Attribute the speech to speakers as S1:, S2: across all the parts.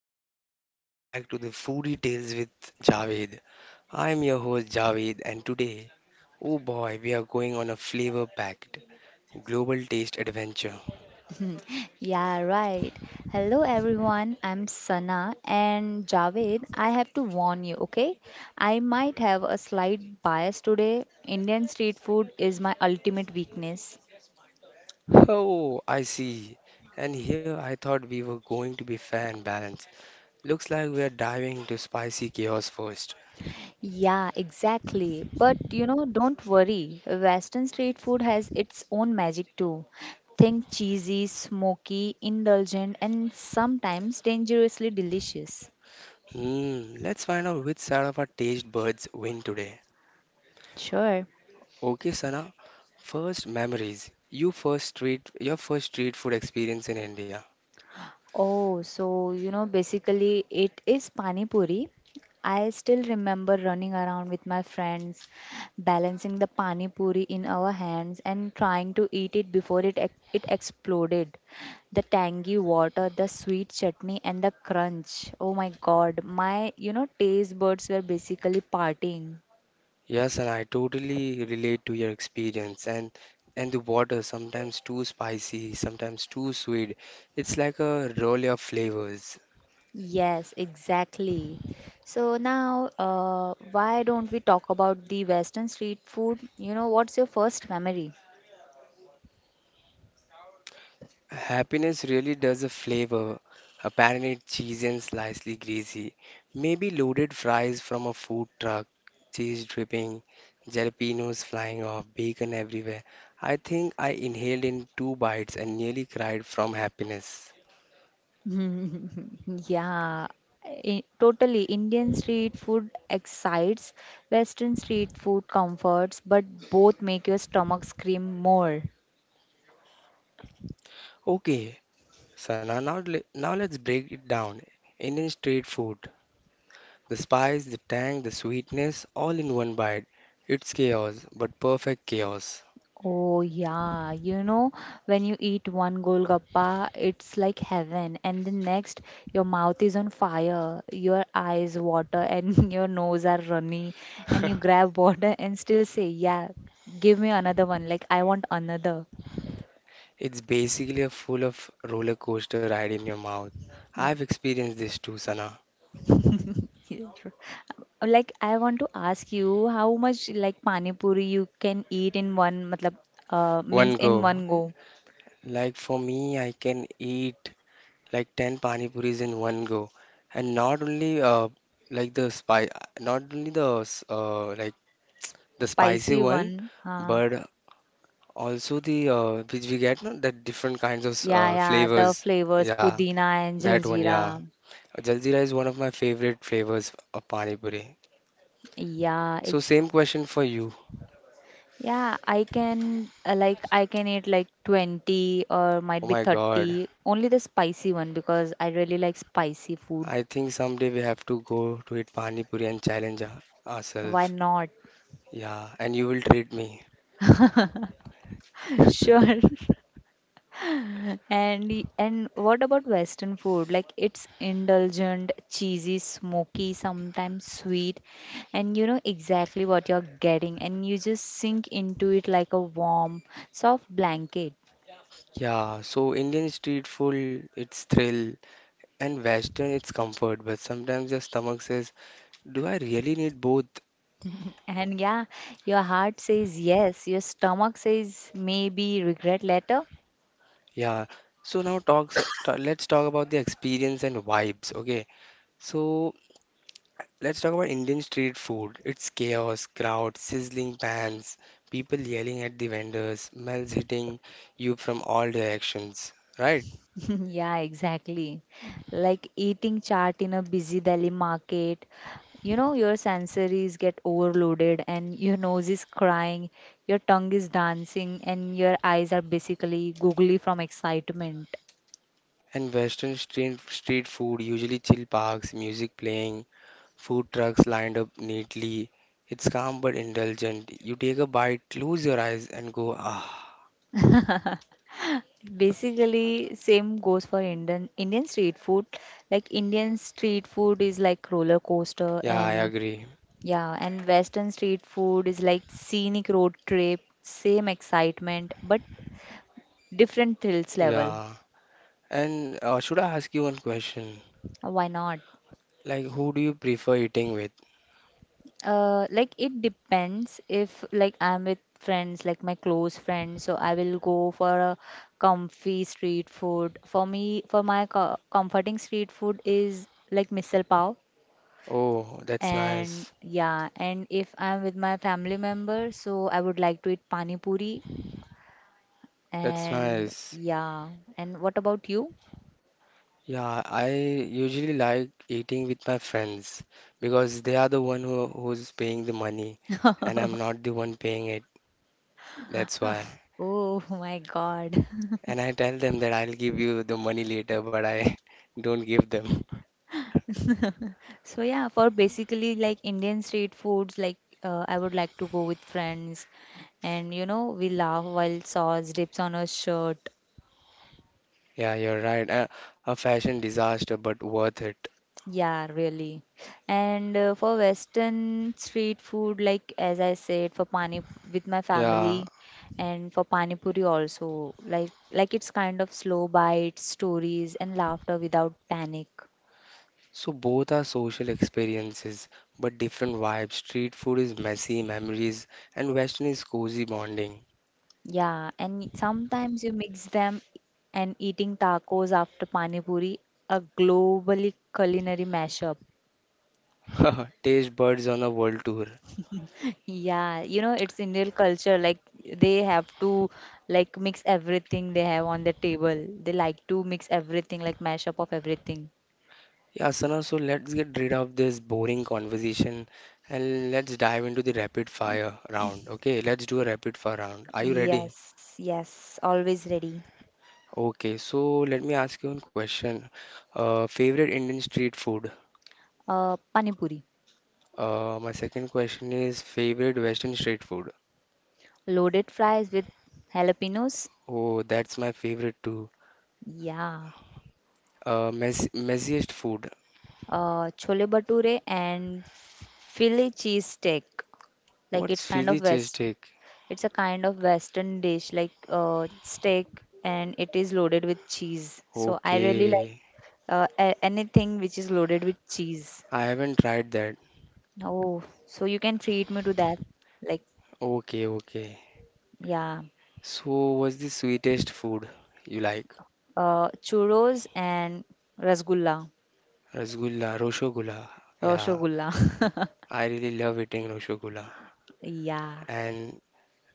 S1: foodies. Welcome back to the Foodie Tales with Javed. I'm your host, Javed, and today, oh boy, we are going on a flavor-packed global taste adventure.
S2: Hmm, Yeah, right. Hello everyone, I'm Sana and Javed. I have to warn you, okay? I might have a slight bias today. Indian street food is my ultimate weakness.
S1: Oh, I see. And here I thought we were going to be fair and balanced. Looks like we are diving into spicy chaos first.
S2: Yeah, exactly. But you know, don't worry. Western street food has its own magic too. Think cheesy, smoky, indulgent, and sometimes dangerously delicious.
S1: Hmm, let's find out which side of our taste buds win today.
S2: Sure.
S1: Okay, Sana, first memories. Your first street food experience in India.
S2: Oh, so you know, basically it is pani puri. I still remember running around with my friends, balancing the pani puri in our hands and trying to eat it before it exploded. The tangy water, the sweet chutney, and the crunch. Oh my God, my taste buds were basically partying.
S1: Yes, and I totally relate to your experience and the water sometimes too spicy, sometimes too sweet. It's like a roll of flavors.
S2: Yes, exactly. So now, why don't we talk about the Western street food? You know, what's your first memory?
S1: Happiness really does a flavor. A panelled cheese and slightly greasy, maybe loaded fries from a food truck, cheese dripping, jalapenos flying off, bacon everywhere. I think I inhaled in two bites and nearly cried from happiness.
S2: Yeah, totally. Indian street food excites, Western street food comforts, but both make your stomach scream more.
S1: Okay, Sana, now let's break it down. Indian street food. The spice, the tang, the sweetness, all in one bite. It's chaos, but perfect chaos.
S2: Oh, yeah, you know, when you eat one golgappa, it's like heaven, and the next, your mouth is on fire, your eyes water, and your nose are runny, and you grab water and still say, yeah, give me another one, like, I want another.
S1: It's basically a full of roller coaster ride in your mouth. I've experienced this too, Sana.
S2: Yeah, true. Like I want to ask you how much like pani puri you can eat in one matlab means
S1: One
S2: in
S1: go.
S2: one go.
S1: Like for me, I can eat like 10 pani puris in one go. And not only like the spice, not only like the spicy
S2: Spicy
S1: one,
S2: one.
S1: but also the which we get no, that different kinds of
S2: Yeah, yeah,
S1: flavors.
S2: the flavors
S1: Yeah,
S2: pudina and
S1: that one. Yeah,
S2: jaljeera.
S1: Jaljeera is one of my favorite flavors of pani puri.
S2: Yeah,
S1: So
S2: ex
S1: same question for you.
S2: yeah, I can like I can eat like 20 or
S1: Oh
S2: might be
S1: my God,
S2: 30. Only the spicy one because I really like spicy food.
S1: I think someday we have to go to eat pani puri and challenge
S2: Why
S1: ourselves.
S2: not?
S1: Yeah, and you will treat me.
S2: Sure. And and what about Western food? Like it's indulgent, cheesy, smoky, sometimes sweet, and you know exactly what you're getting, and you just sink into it like a warm, soft blanket.
S1: Yeah, so Indian street food, it's thrill, and Western, it's comfort. But sometimes your stomach says, "Do I really need both?"
S2: And yeah, your heart says yes, your stomach says maybe regret later.
S1: Yeah. So now let's talk about the experience and vibes, okay? So let's talk about Indian street food. It's chaos, crowds, sizzling pans, people yelling at the vendors, smells hitting you from all directions, right?
S2: Yeah, exactly. Like eating chaat in a busy Delhi market, you know, your sensories get overloaded and your nose is crying, your tongue is dancing, and your eyes are basically googly from excitement.
S1: And Western street food, usually chill parks, music playing, food trucks lined up neatly. It's calm but indulgent. You take a bite, close your eyes and go, ah.
S2: Basically, same goes for Indian street food. Like Indian street food is like roller coaster,
S1: Yeah, I
S2: and
S1: agree.
S2: yeah, and Western street food is like scenic road trip, same excitement, but different thrills level.
S1: Yeah. And should I ask you one question?
S2: Why not?
S1: Like, who do you prefer eating with?
S2: Like it depends if like I'm with friends, like my close friends, so I will go for a comfy street food. For me, for my co comforting street food is like misal pav.
S1: Oh, that's
S2: And
S1: nice.
S2: yeah, and if I'm with my family member, so I would like to eat pani puri.
S1: That's
S2: And
S1: nice.
S2: yeah, and what about you?
S1: Yeah, I usually like eating with my friends because they are the one who's paying the money, and I'm not the one paying it. That's why.
S2: Oh, my God.
S1: And I tell them that I'll give you the money later, but I don't give them.
S2: So yeah, for basically like Indian street foods, like I would like to go with friends, and you know we laugh while sauce drips on our shirt.
S1: Yeah, you're right. A fashion disaster, but worth it.
S2: Yeah, really. And for Western street food, like as I said, for pani with my
S1: Yeah,
S2: family, and for pani puri also, like it's kind of slow bites, stories, and laughter without panic.
S1: so both are social experiences, but different vibes. Street food is messy memories, and Western is cozy bonding.
S2: Yeah, and sometimes you mix them and eating tacos after pani puri, a globally culinary mashup.
S1: Taste buds on a world tour.
S2: Yeah, you know, it's Indian culture. Like they have to like mix everything they have on the table. They like to mix everything, like mash up of everything.
S1: Yeah, Sana, so let's get rid of this boring conversation and let's dive into the rapid fire round. Okay, let's do a rapid fire round. Are you ready?
S2: Yes, yes, always ready.
S1: Okay, so let me ask you one question. Favorite Indian street food?
S2: Pani puri,
S1: My second question is favorite Western street food.
S2: loaded fries with jalapenos.
S1: Oh, that's my favorite too.
S2: Yeah.
S1: Messiest food.
S2: Chole bhature and Philly cheese steak. like
S1: What's
S2: it's kind of
S1: Philly
S2: west
S1: cheesesteak?
S2: it's a kind of western dish like steak and it is loaded with cheese, so I really like
S1: Okay,
S2: anything which is loaded with cheese.
S1: I haven't tried that.
S2: Oh, so you can treat me to that, like,
S1: Okay, okay.
S2: yeah.
S1: So, what's the sweetest food you like?
S2: Churros and rasgulla,
S1: Rasgulla, Roshogulla. Yeah,
S2: roshogulla.
S1: I really love eating Roshogulla.
S2: Yeah.
S1: And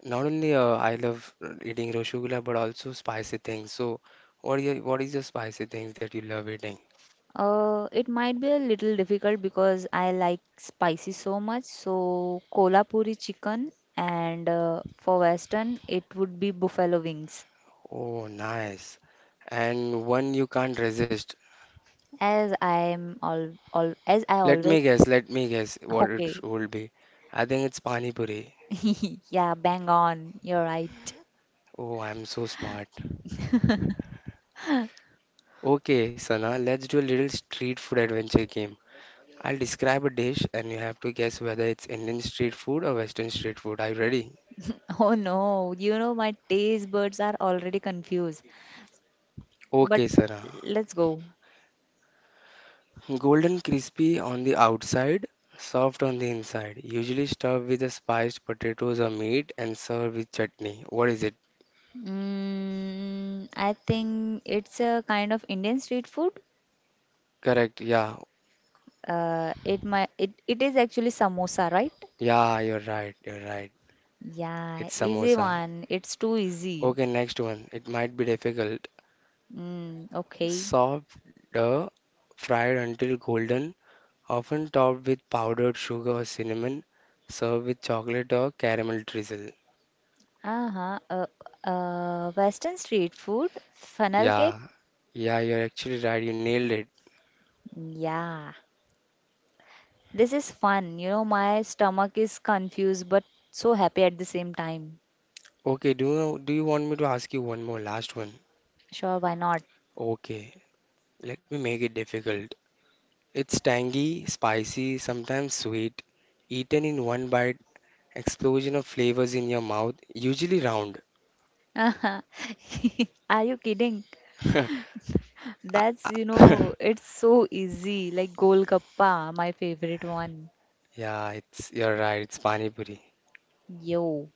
S1: not only I love eating Roshogulla, but also spicy things. So, what is your spicy things that you love eating?
S2: It might be a little difficult because I like spicy so much. So kolhapuri chicken, and for western, it would be buffalo wings.
S1: Oh, nice. And one you can't resist.
S2: As I always
S1: Let me guess what it
S2: okay.
S1: would be. I think it's Pani Puri.
S2: Yeah, bang on. You're right.
S1: Oh, I'm so smart. Okay, Sana, let's do a little street food adventure game. I'll describe a dish and you have to guess whether it's Indian street food or Western street food. Are you ready?
S2: Oh no, you know my taste buds are already confused. But
S1: Okay, Sana.
S2: let's go.
S1: Golden crispy on the outside, soft on the inside. Usually stuffed with the spiced potatoes or meat and served with chutney. What is it?
S2: Mm, I think it's a kind of Indian street food.
S1: Correct. Yeah.
S2: It is actually samosa, right?
S1: Yeah, you're right. You're right.
S2: Yeah,
S1: It's
S2: easy
S1: samosa.
S2: one. It's too easy.
S1: Okay, next one. It might be difficult.
S2: Mm, okay.
S1: Soft, dough, fried until golden, often topped with powdered sugar or cinnamon, served with chocolate or caramel drizzle.
S2: Uh-huh. Western street food, funnel cake.
S1: Yeah, yeah, you're actually right. You nailed it.
S2: Yeah, this is fun. You know, my stomach is confused but so happy at the same time.
S1: Okay, do you want me to ask you one more last one?
S2: Sure, why not?
S1: Okay, let me make it difficult. It's tangy, spicy, sometimes sweet, eaten in one bite, explosion of flavors in your mouth, usually round.
S2: Are you kidding? That's, you know, it's so easy. Like Golgappa, my favorite one.
S1: Yeah, it's you're right, it's Pani Puri.
S2: Yo.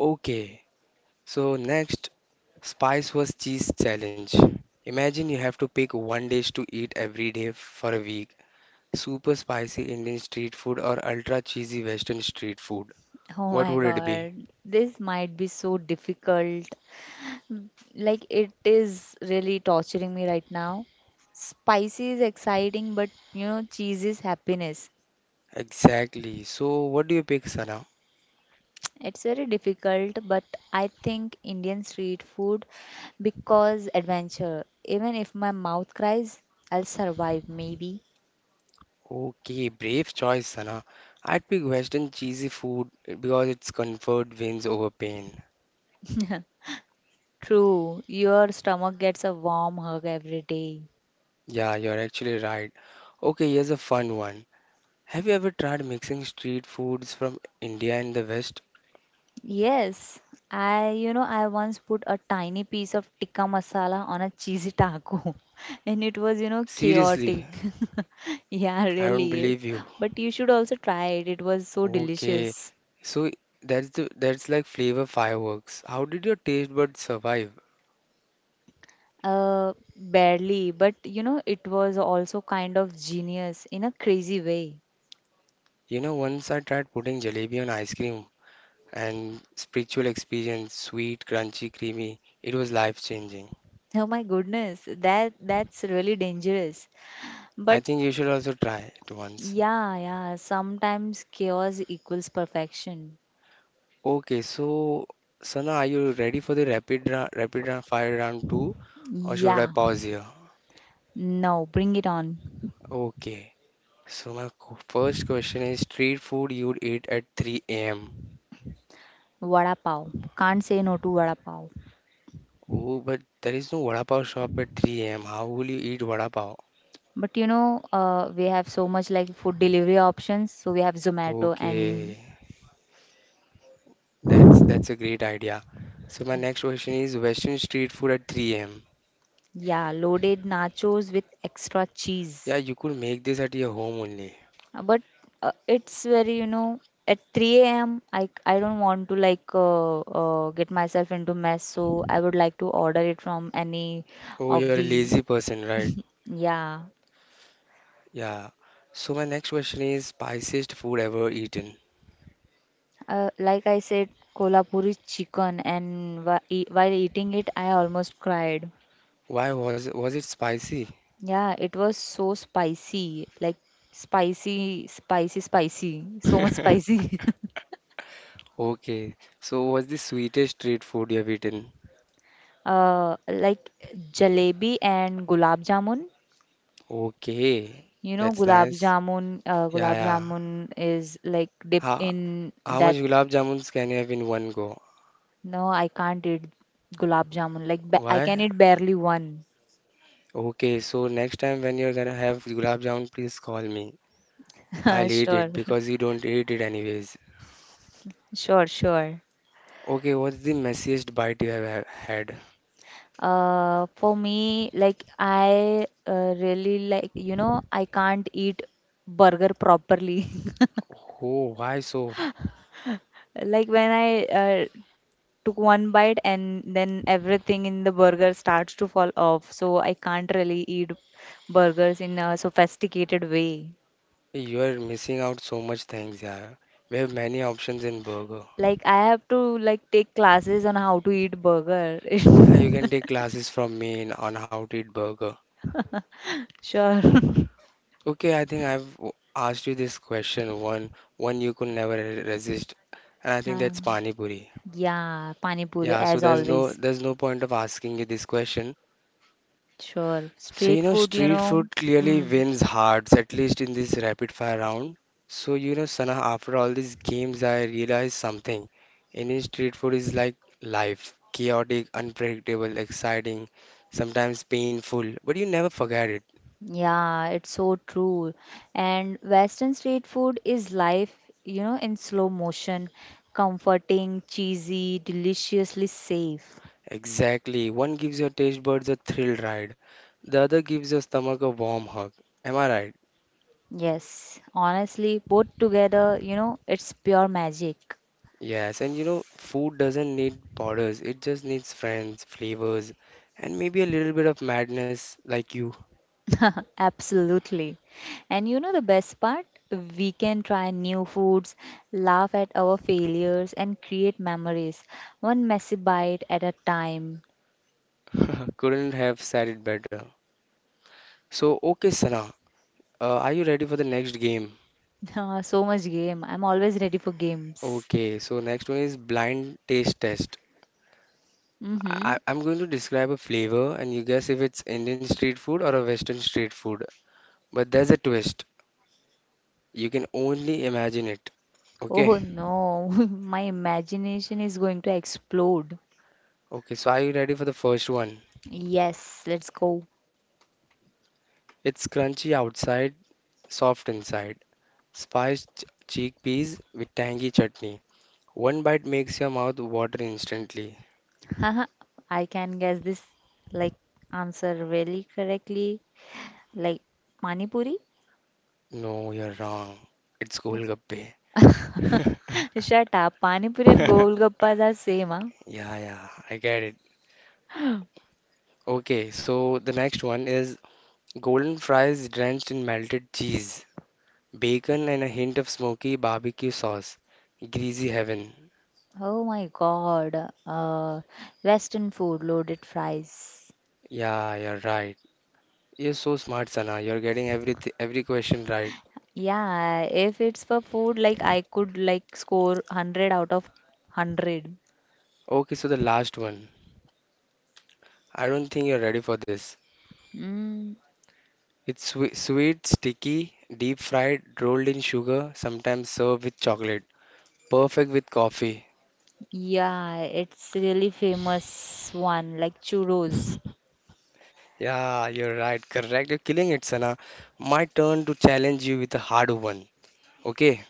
S1: Okay, so next, spice was cheese challenge. Imagine you have to pick one dish to eat every day for a week. Super spicy Indian street food or ultra cheesy Western street food.
S2: Oh
S1: What
S2: my
S1: would it be?
S2: God, this might be so difficult. Like, it is really torturing me right now. Spicy is exciting, but you know, cheese is happiness.
S1: Exactly. So what do you pick, Sana?
S2: It's very difficult, but I think Indian street food because adventure. Even if my mouth cries, I'll survive, maybe.
S1: Okay, brave choice, Sana. I'd pick Western cheesy food because its comfort wins over pain.
S2: True, your stomach gets a warm hug every day.
S1: Yeah, you're actually right. Okay, here's a fun one. Have you ever tried mixing street foods from India and the West?
S2: Yes, I I once put a tiny piece of tikka masala on a cheesy taco and it was, you know,
S1: Seriously,
S2: chaotic. Yeah,
S1: I don't
S2: really.
S1: believe you.
S2: But you should also try it. It was so
S1: Okay,
S2: delicious.
S1: so that's like flavor fireworks. How did your taste buds survive?
S2: Barely, but you know it was also kind of genius in a crazy way.
S1: You know, once I tried putting jalebi on ice cream and spiritual experience, sweet, crunchy, creamy. It was life changing.
S2: Oh my goodness, that's really dangerous.
S1: I
S2: But
S1: think you should also try it once.
S2: yeah, yeah, sometimes chaos equals perfection.
S1: Okay, so Sana, are you ready for the fire round two, or should I
S2: Yeah.
S1: pause here?
S2: No, bring it on.
S1: Okay. So my first question is street food you'd eat at 3 a.m.
S2: Vada pav. Can't say no to vada pav.
S1: Oh, but there is no vada pav shop at 3 a.m. How will you eat vada pav?
S2: But you know, we have so much like food delivery options. So we have Zomato and
S1: Okay, that's a great idea. So my next question is Western street food at 3 a.m.
S2: yeah, loaded nachos with extra
S1: Yeah,
S2: cheese.
S1: you could make this at your home only.
S2: But it's very, you know, at 3 a.m. I don't want to like get myself into mess. So I would like to order it from any
S1: Oh,
S2: of
S1: you're a
S2: the,
S1: lazy person, right?
S2: yeah.
S1: Yeah. So my next question is spiciest food ever eaten.
S2: Like I said, Kolhapuri chicken, and while eating it, I almost cried.
S1: Was it spicy?
S2: Yeah, it was so spicy, like spicy, spicy, spicy, so much spicy.
S1: Okay. So what's the sweetest street food you have eaten?
S2: Like jalebi and gulab jamun.
S1: Okay,
S2: You know,
S1: that's nice. Yeah,
S2: gulab
S1: yeah.
S2: jamun is like dipped
S1: How,
S2: in
S1: how much
S2: that.
S1: gulab jamuns can you have in one go?
S2: No, I can't eat gulab jamun. Like I can
S1: Why?
S2: eat barely one.
S1: Okay, so next time when you're gonna have gulab jamun, please call me. I'll eat it because you don't eat it anyways.
S2: Sure, sure, sure.
S1: Okay, what's the messiest bite you had?
S2: For me, like I really like, you know, I can't eat burger properly.
S1: Oh, why so?
S2: Like when I took one bite and then everything in the burger starts to fall off, so I can't really eat burgers in a sophisticated way.
S1: You're missing out so much things, yeah. We have many options in burger.
S2: Like I have to like take classes on how to eat burger.
S1: Yeah, you can take classes from me on how to eat burger.
S2: Sure.
S1: Okay, I think asked you this question one you could never resist, and I think
S2: Uh,
S1: that's pani puri.
S2: yeah, pani puri
S1: Yeah, so
S2: as always.
S1: there's no point of asking you this question.
S2: Sure.
S1: So you
S2: Street
S1: know,
S2: food, you
S1: street
S2: know.
S1: food clearly
S2: Mm.
S1: wins hearts, at least in this rapid fire round. So you know, Sana, after all these games, I realized something. Indian street food is like life, chaotic, unpredictable, exciting, sometimes painful, but you never forget it.
S2: Yeah, it's so true. And Western street food is life, you know, in slow motion, comforting, cheesy, deliciously safe.
S1: Exactly. One gives your taste buds a thrill ride, the other gives your stomach a warm hug. Am I right?
S2: Yes, honestly, both together, you know, it's pure magic.
S1: Yes. And you know, food doesn't need borders, it just needs friends, flavors, and maybe a little bit of madness like you.
S2: Absolutely. And you know the best part? We can try new foods, laugh at our failures, and create memories, one messy bite at a time.
S1: Couldn't have said it better. So, okay, Sana, are you ready for the next game?
S2: So much game. I'm always ready for games.
S1: Okay, so next one is blind taste test.
S2: Mm-hmm.
S1: I'm going to describe a flavor and you guess if it's Indian street food or a Western street food. But there's a twist. You can only imagine it.
S2: Oh
S1: Okay,
S2: no, my imagination is going to explode.
S1: okay, so are you ready for the first one?
S2: Yes, let's go.
S1: It's crunchy outside, soft inside. Spiced chickpeas with tangy chutney. One bite makes your mouth water instantly.
S2: I can guess this like answer really correctly. Like Pani Puri?
S1: No, you're wrong. It's golgappe.
S2: Shut up. Pani Puri and Golgappas are same, huh?
S1: Yeah, yeah, I get it. Okay, so the next one is golden fries drenched in melted cheese, bacon and a hint of smoky barbecue sauce. Greasy heaven.
S2: Oh my god. Western food, loaded fries.
S1: Yeah, you're right. You're so smart, Sana. You're getting every question right.
S2: Yeah, if it's for food, like I could like score 100 out of 100.
S1: Okay, so the last one. I don't think you're ready for this.
S2: Mm.
S1: It's sweet, sticky, deep fried, rolled in sugar, sometimes served with chocolate. Perfect with coffee.
S2: Yeah, it's really famous one like churros.
S1: Yeah, you're right. Correct. You're killing it, Sana. My turn to challenge you with a hard one. Okay,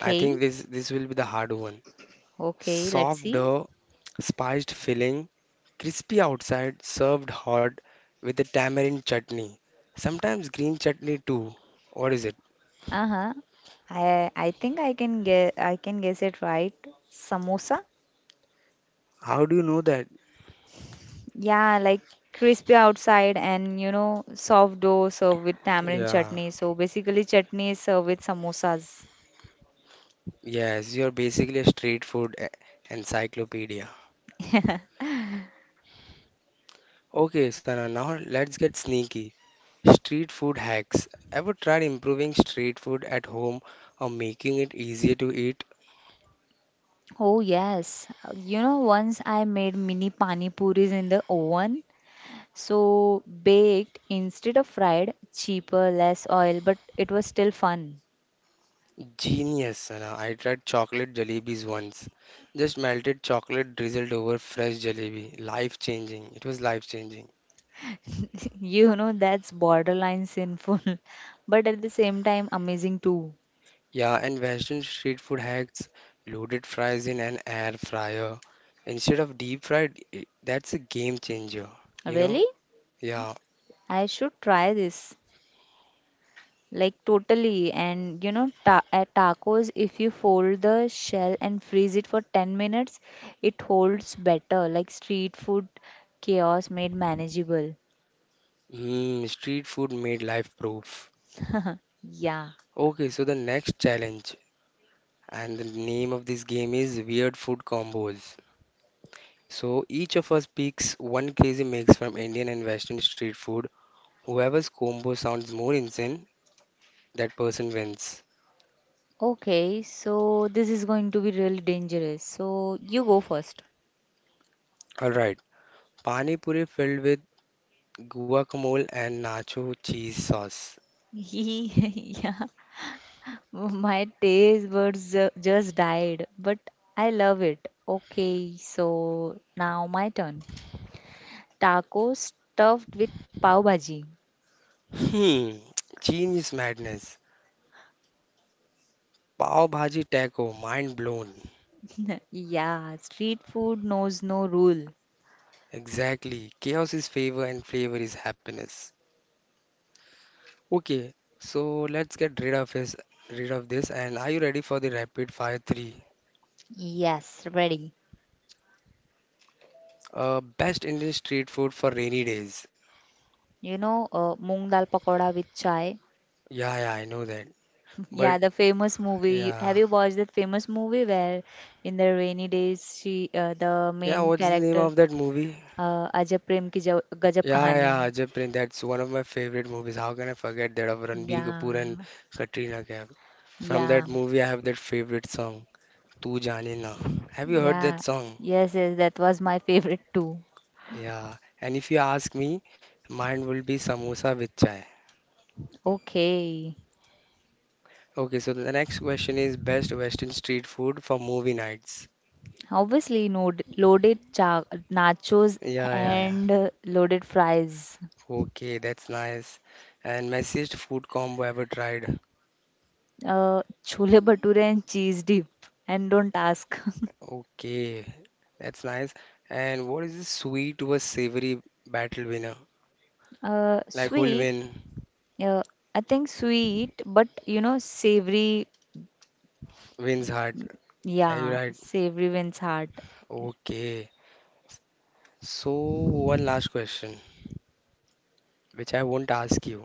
S1: I think this will be the hard one.
S2: okay, let's
S1: Soft
S2: see.
S1: dough, spiced filling, crispy outside, served hot with a tamarind chutney. Sometimes green chutney too. What is it?
S2: Uh-huh. I can guess it right. Samosa?
S1: How do you know that?
S2: Yeah, like crispy outside and you know soft dough served with tamarind
S1: Yeah.
S2: chutney. So basically chutney is served with samosas.
S1: Yes, you're basically a street food encyclopedia. Okay, Sana, now let's get sneaky. Street food hacks. Ever tried improving street food at home or making it easier to eat?
S2: Oh yes. You know, once I made mini pani puris in the oven. So baked instead of fried, cheaper, less oil, but it was still fun.
S1: Genius, Sana. I tried chocolate jalebis once. Just melted chocolate drizzled over fresh jalebi. Life changing. It was life changing.
S2: You know, that's borderline sinful, but at the same time amazing too.
S1: Yeah, and Western street food hacks. Loaded fries in an air fryer. Instead of deep fried, that's a game changer. You know?
S2: Really?
S1: Yeah,
S2: I should try this. Like totally. And you know, ta at tacos, if you fold the shell and freeze it for 10 minutes, it holds better. Like street food chaos made manageable.
S1: mm, street food made life proof.
S2: Yeah.
S1: Okay, so the next challenge and the name of this game is Weird Food Combos. So each of us picks one crazy mix from Indian and Western street food. Whoever's combo sounds more insane, that person wins.
S2: Okay, so this is going to be really dangerous. So you go first.
S1: All right. Pani puri filled with guacamole and nacho cheese sauce.
S2: Yeah, my taste buds ju- just died, but I love it. Okay, so now my turn. Tacos stuffed with pav bhaji.
S1: Hmm, genius madness. Pav bhaji taco, mind blown.
S2: Yeah, street food knows no rule.
S1: Exactly. Chaos is favor and flavor is happiness. Okay, so let's get rid of this. And are you ready for the rapid fire three?
S2: Yes, ready.
S1: Best Indian street food for rainy days.
S2: You know, moong dal pakoda with chai.
S1: Yeah, yeah, I know that.
S2: Yeah,
S1: But
S2: the famous movie. Have
S1: yeah,
S2: you watched that famous movie where in the rainy days she the
S1: yeah.
S2: main
S1: What's the name
S2: character
S1: of that movie?
S2: Ajab Gajab
S1: Yeah,
S2: Kahani.
S1: yeah, Ajab Prem. That's one of my favorite movies. How can I forget that of Ranbir Kapoor
S2: Yeah.
S1: and Katrina Kaif? From
S2: Yeah.
S1: that movie, I have that favorite song, "Tu Jaane Na." Have you heard that
S2: Yeah.
S1: song?
S2: Yes, yes, that was my favorite too.
S1: Yeah. And if you ask me, mine will be samosa with chai.
S2: Okay.
S1: Okay, so the next question is best Western street food for movie nights.
S2: Obviously, no, loaded cha nachos
S1: Yeah, yeah, yeah.
S2: and loaded fries.
S1: Okay, that's nice. And messiest food combo ever tried.
S2: Chole bhature and cheese dip. And don't ask.
S1: Okay, that's nice. And what is this sweet versus savory battle winner? Like who'll
S2: Sweet.
S1: win?
S2: Yeah, I think sweet, but you know, savory.
S1: Wins heart. Are you
S2: Yeah,
S1: right?
S2: savory wins heart.
S1: Okay. So one last question, which I won't ask you.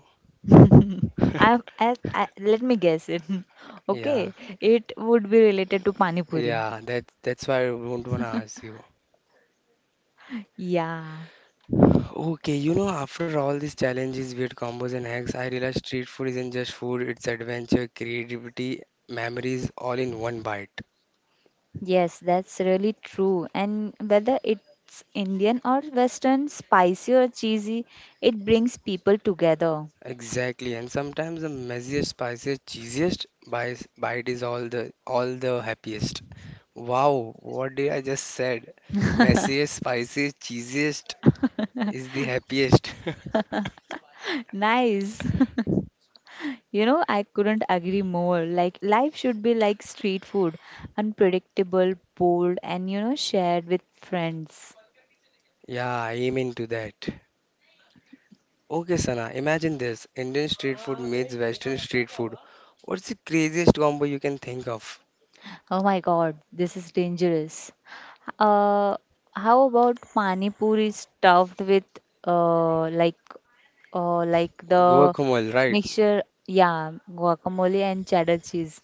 S2: I let me guess it.
S1: Yeah,
S2: Okay, it would be related to pani puri.
S1: yeah. That's why I won't wanna ask you.
S2: Yeah,
S1: Okay, you know, after all these challenges, weird combos, and hacks, I realized street food isn't just food, it's adventure, creativity, memories, all in one bite.
S2: yes, that's really true. And whether it's Indian or Western, spicy or cheesy, it brings people together.
S1: Exactly, and sometimes the messiest, spiciest, cheesiest bite is all the happiest. Wow, what did I just said? Messiest, spiciest, cheesiest is the happiest.
S2: Nice. You know, I couldn't agree more. Like, life should be like street food, unpredictable, bold, and you know, shared with friends.
S1: Yeah, I am into that. Okay, Sana, imagine this. Indian street food meets Western street food. What's the craziest combo you can think of?
S2: Oh my god, this is dangerous. Uh, how about pani puri stuffed with uh, like like the
S1: Guacamole, right?
S2: mixture? Yeah, guacamole and cheddar cheese.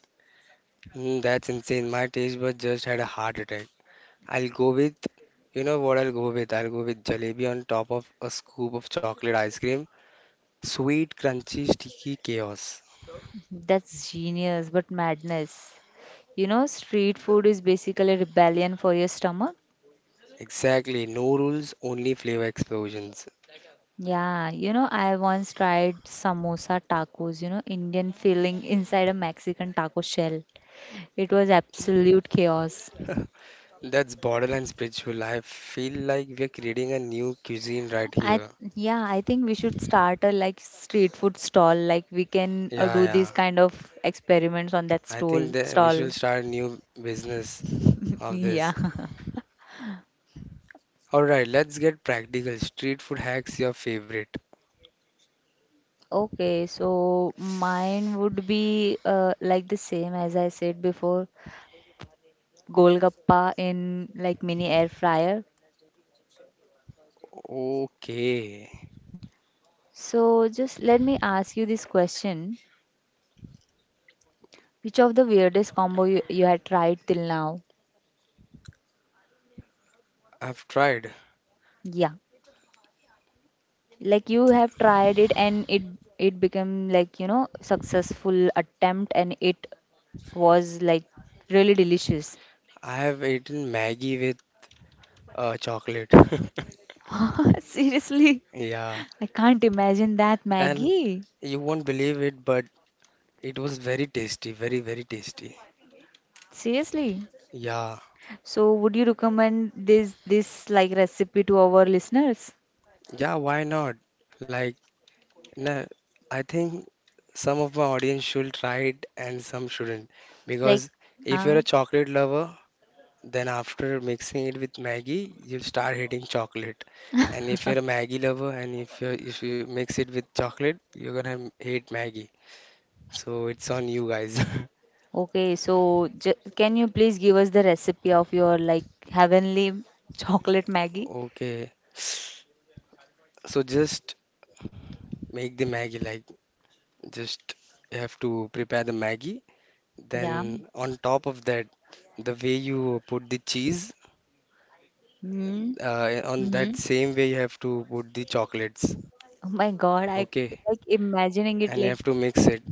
S1: Mm, that's insane. My taste bud just had a heart attack. I'll go with, you know what I'll go with? I'll go with jalebi on top of a scoop of chocolate ice cream. Sweet, crunchy, sticky chaos.
S2: That's genius, but madness. You know, street food is basically rebellion for your stomach.
S1: Exactly. No rules, only flavor explosions.
S2: Yeah, you know, I once tried samosa tacos, you know, Indian filling inside a Mexican taco shell. It was absolute chaos.
S1: That's borderline spiritual. I feel like we're creating a new cuisine right
S2: I
S1: here.
S2: yeah, I think we should start a like street food stall. Like we can
S1: Yeah,
S2: do these
S1: yeah.
S2: kind of experiments on that
S1: I
S2: stall
S1: think that we should
S2: stall.
S1: start new business of
S2: Yeah.
S1: this. All right, let's get practical. Street food hacks your favorite.
S2: Okay, so mine would be like the same as I said before, Golgappa in like mini air fryer.
S1: Okay,
S2: So just let me ask you this question. Which of the weirdest combo you had tried till now?
S1: I've tried.
S2: Yeah. Like you have tried it and it became like, you know, successful attempt, and it was like really delicious.
S1: I have eaten Maggie with chocolate.
S2: Seriously.
S1: Yeah,
S2: I can't imagine that,
S1: and
S2: Maggie.
S1: you won't believe it, but it was very tasty, very, very tasty.
S2: Seriously.
S1: Yeah,
S2: So would you recommend this like recipe to our listeners?
S1: yeah, why not? Like, no, I think some of my audience should try it and some shouldn't.
S2: Like,
S1: Because if you're
S2: ah,
S1: a chocolate lover, then after mixing it with Maggie, you start hitting chocolate. And if you're a Maggie lover and if you mix it with chocolate, you're gonna hate Maggie. So it's on you guys.
S2: okay. So j Can you please give us the recipe of your like heavenly chocolate Maggie?
S1: Okay. So just make the Maggie like just you have to prepare the Maggie.
S2: Yeah.
S1: Then on top of that, the way you put the cheese,
S2: Mm.
S1: on that
S2: Mm-hmm.
S1: same way you have to put the chocolates.
S2: Oh my God, I
S1: Okay.
S2: like imagining it
S1: And you
S2: like,
S1: have to mix it.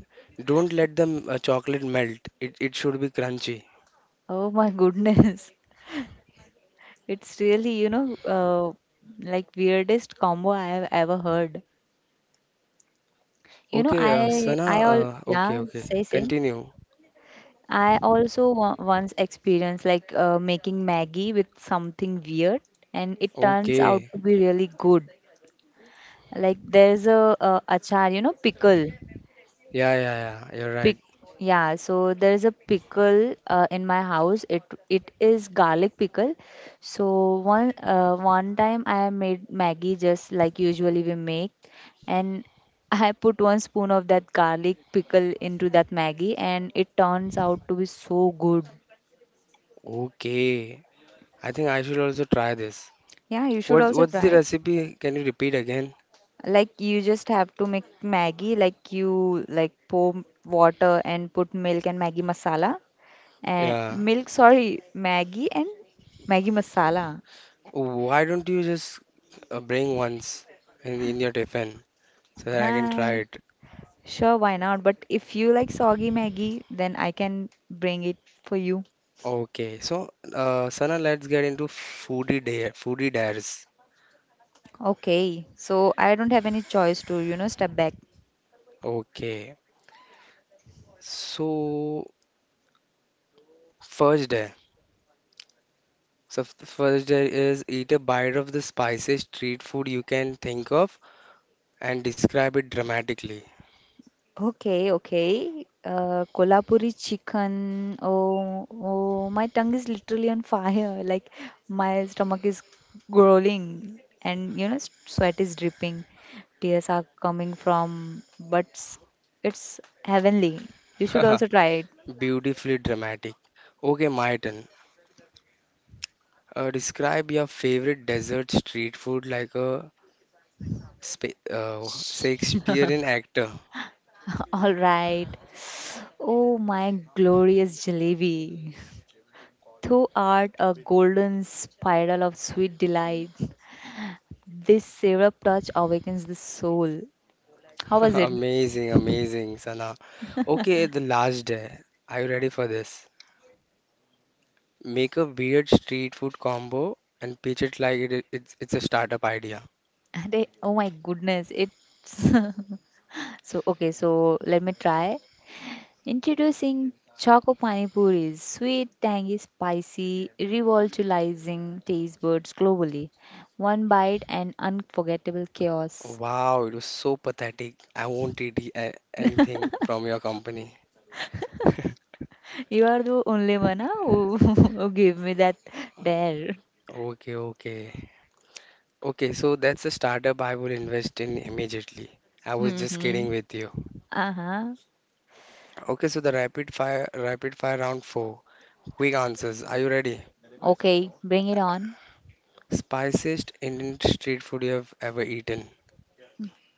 S1: Don't let the chocolate melt. It should be crunchy.
S2: oh my goodness. It's really, you know, like weirdest combo I have ever heard. You know,
S1: Okay, Sana,
S2: I all
S1: okay,
S2: yeah,
S1: okay.
S2: say say.
S1: Continue.
S2: I also once experienced like making Maggie with something weird, and it turns out
S1: Okay.
S2: to be really good. Like there's a, uh, achar, you know, pickle.
S1: Yeah, yeah, yeah. You're
S2: Pic
S1: right.
S2: yeah, so there is a pickle in my house. It is garlic pickle. So one time I made Maggie just like usually we make, and I put one spoon of that garlic pickle into that Maggie, and it turns out to be so good.
S1: Okay. I think I should also try this.
S2: Yeah, you should
S1: What's
S2: also
S1: what's the
S2: try it.
S1: recipe? Can you repeat again?
S2: Like you just have to make Maggie, like you like pour water and put milk and Maggie masala, and
S1: Yeah.
S2: milk, sorry, Maggie and Maggie masala.
S1: Why don't you just bring once in your tiffin so that I can try
S2: Huh.
S1: it?
S2: Sure, why not? But if you like soggy Maggie, then I can bring it for you.
S1: Okay. So, Sana, let's get into foodie dare, foodie dares.
S2: Okay, so I don't have any choice to, you know, step back.
S1: Okay. So, first dare. So first there is eat a bite of the spiciest street food you can think of and describe it dramatically.
S2: Okay, okay. Kolhapuri chicken. Oh, oh, my tongue is literally on fire. Like my stomach is growling, and you know, sweat is dripping. Tears are coming from, it's heavenly. You should also try it.
S1: Beautifully dramatic. Okay, my turn. Describe your favorite desert street food like a spa Shakespearean actor.
S2: All right. Oh, my glorious jalebi. Through art, a golden spiral of sweet delight. This syrup touch awakens the soul. How was it?
S1: Amazing, amazing, Sana. Okay, the last day. Are you ready for this? Make a weird street food combo and pitch it like it's a startup idea.
S2: Oh my goodness, it's okay. So let me try introducing choco pani puris, sweet, tangy, spicy, revolutionizing taste buds globally. One bite and unforgettable
S1: Oh,
S2: chaos.
S1: wow, it was so pathetic. I won't eat anything from your company.
S2: You are the only one who, who gave me that dare.
S1: Okay, okay. Okay, so that's a startup I will invest in immediately. I was just kidding
S2: Hmm.
S1: with you.
S2: Uh huh.
S1: Okay, so the rapid fire round four. Quick answers. Are you ready?
S2: Okay, bring it on.
S1: Spiciest Indian street food you have ever eaten?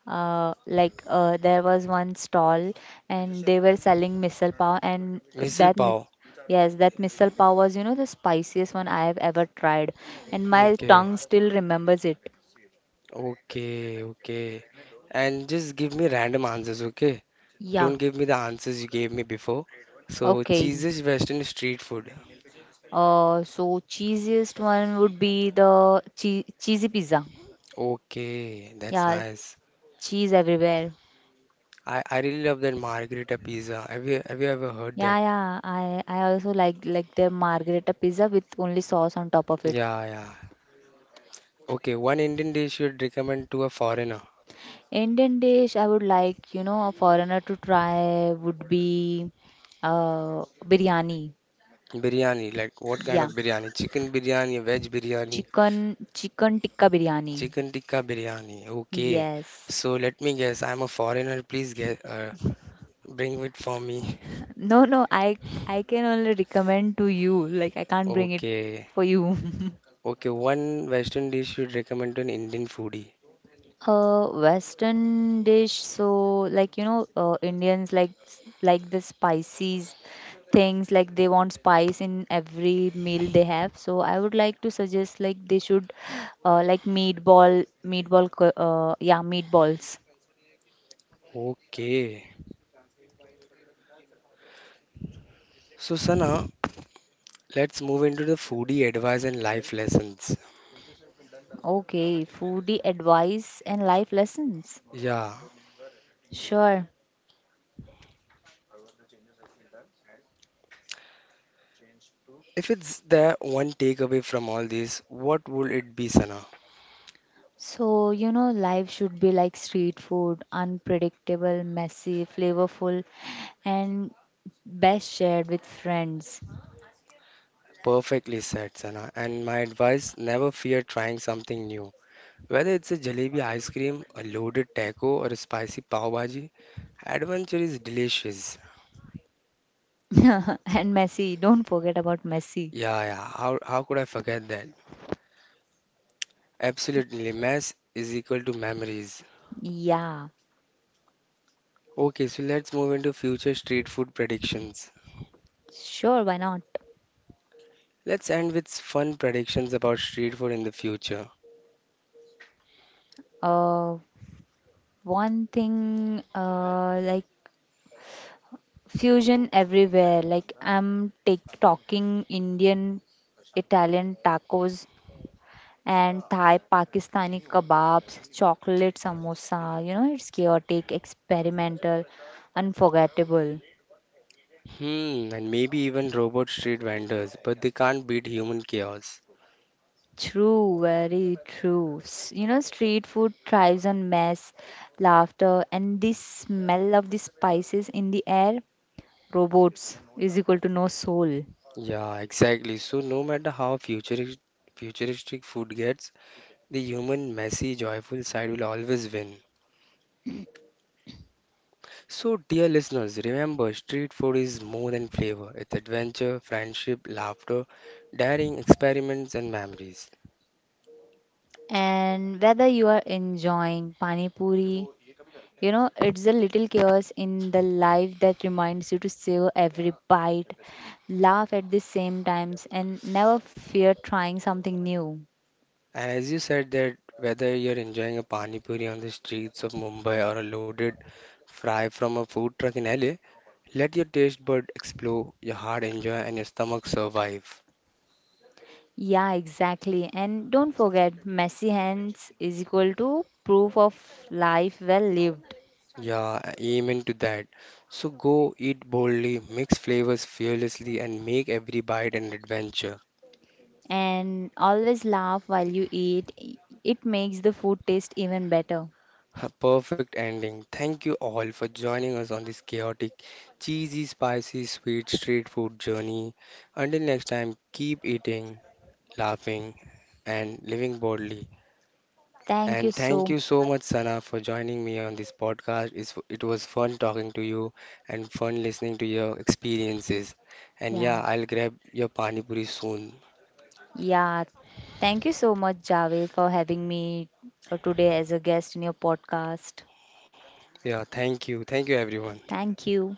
S2: There was one stall, and they were selling misal pav, and
S1: Misal pav.
S2: yes, that misal pav was, you know, the spiciest one I have ever tried, and my
S1: Okay,
S2: tongue still remembers it.
S1: okay, okay. And just give me random answers, okay?
S2: Yeah,
S1: Don't give me the answers you gave me before. So
S2: okay.
S1: cheesiest Western street food.
S2: uh so cheesiest one would be the cheesy pizza.
S1: Okay, that's
S2: Yeah,
S1: nice.
S2: cheese everywhere.
S1: I really love that margherita pizza. Have you ever heard
S2: Yeah,
S1: that?
S2: yeah, I also like their margherita pizza with only sauce on top of it.
S1: Yeah, yeah. Okay, one Indian dish you'd recommend to a foreigner.
S2: Indian dish I would like, you know, a foreigner to try would be biryani.
S1: Biryani, like what kind
S2: Yeah.
S1: of biryani? Chicken biryani, veg biryani,
S2: Chicken tikka biryani.
S1: chicken tikka biryani. Okay.
S2: Yes.
S1: So let me guess, I'm a foreigner. Please get bring it for me.
S2: No, no, I can only recommend to you. Like I can't bring it
S1: Okay.
S2: for you.
S1: Okay, one Western dish you'd recommend to an Indian foodie.
S2: Western dish, so like, you know, Indians like like the spices, things like they want spice in every meal they have. So I would like to suggest like they should yeah, meatballs.
S1: Okay. So Sana, let's move into the foodie advice and life lessons.
S2: Okay, foodie advice and life lessons.
S1: Yeah.
S2: Sure.
S1: If it's the one takeaway from all this, what would it be, Sana?
S2: So, you know, life should be like street food, unpredictable, messy, flavorful, and best shared with friends.
S1: Perfectly said, Sana. And my advice, never fear trying something new. Whether it's a jalebi ice cream, a loaded taco, or a spicy pav bhaji, adventure is delicious.
S2: And Messi. Don't forget about Messi.
S1: Yeah, yeah. How could I forget that? Absolutely. Mess is equal to memories.
S2: Yeah,
S1: Okay, so let's move into future street food predictions.
S2: sure, why not?
S1: Let's end with fun predictions about street food in the future.
S2: Uh, one thing, like fusion everywhere. Like I'm take talking Indian, Italian tacos and Thai, Pakistani kebabs, chocolate samosa. You know, it's chaotic, experimental, unforgettable.
S1: Hmm, and maybe even robot street vendors, but they can't beat human chaos.
S2: True, very true. You know, street food thrives on mess, laughter, and the smell of the spices in the air. Robots is equal to no soul.
S1: Yeah, exactly. So no matter how futuristic food gets, the human, messy, joyful side will always win. So dear listeners, remember street food is more than flavor. It's adventure, friendship, laughter, daring experiments and memories.
S2: And whether you are enjoying pani puri, you know, it's a little chaos in the life that reminds you to savor every bite, laugh at the same times, and never fear trying something new.
S1: And as you said that whether you're enjoying a pani puri on the streets of Mumbai or a loaded fry from a food truck in LA, let your taste bud explore, your heart enjoy, and your stomach survive.
S2: Yeah, exactly. And don't forget, messy hands is equal to proof of life well lived.
S1: Yeah, amen to that. So go eat boldly, mix flavors fearlessly, and make every bite an adventure.
S2: And always laugh while you eat, it makes the food taste even better.
S1: A perfect ending. Thank you all for joining us on this chaotic, cheesy, spicy, sweet street food journey. Until next time, keep eating, laughing, and living boldly.
S2: Thank you
S1: And
S2: so
S1: thank you so much,
S2: much.
S1: Sana, for joining me on this podcast. It was fun talking to you and fun listening to your experiences. And
S2: Yeah.
S1: yeah, I'll grab your pani puri soon.
S2: Yeah. Thank you so much, Javed, for having me today as a guest in your podcast.
S1: Yeah, thank you. Thank you, everyone.
S2: Thank you.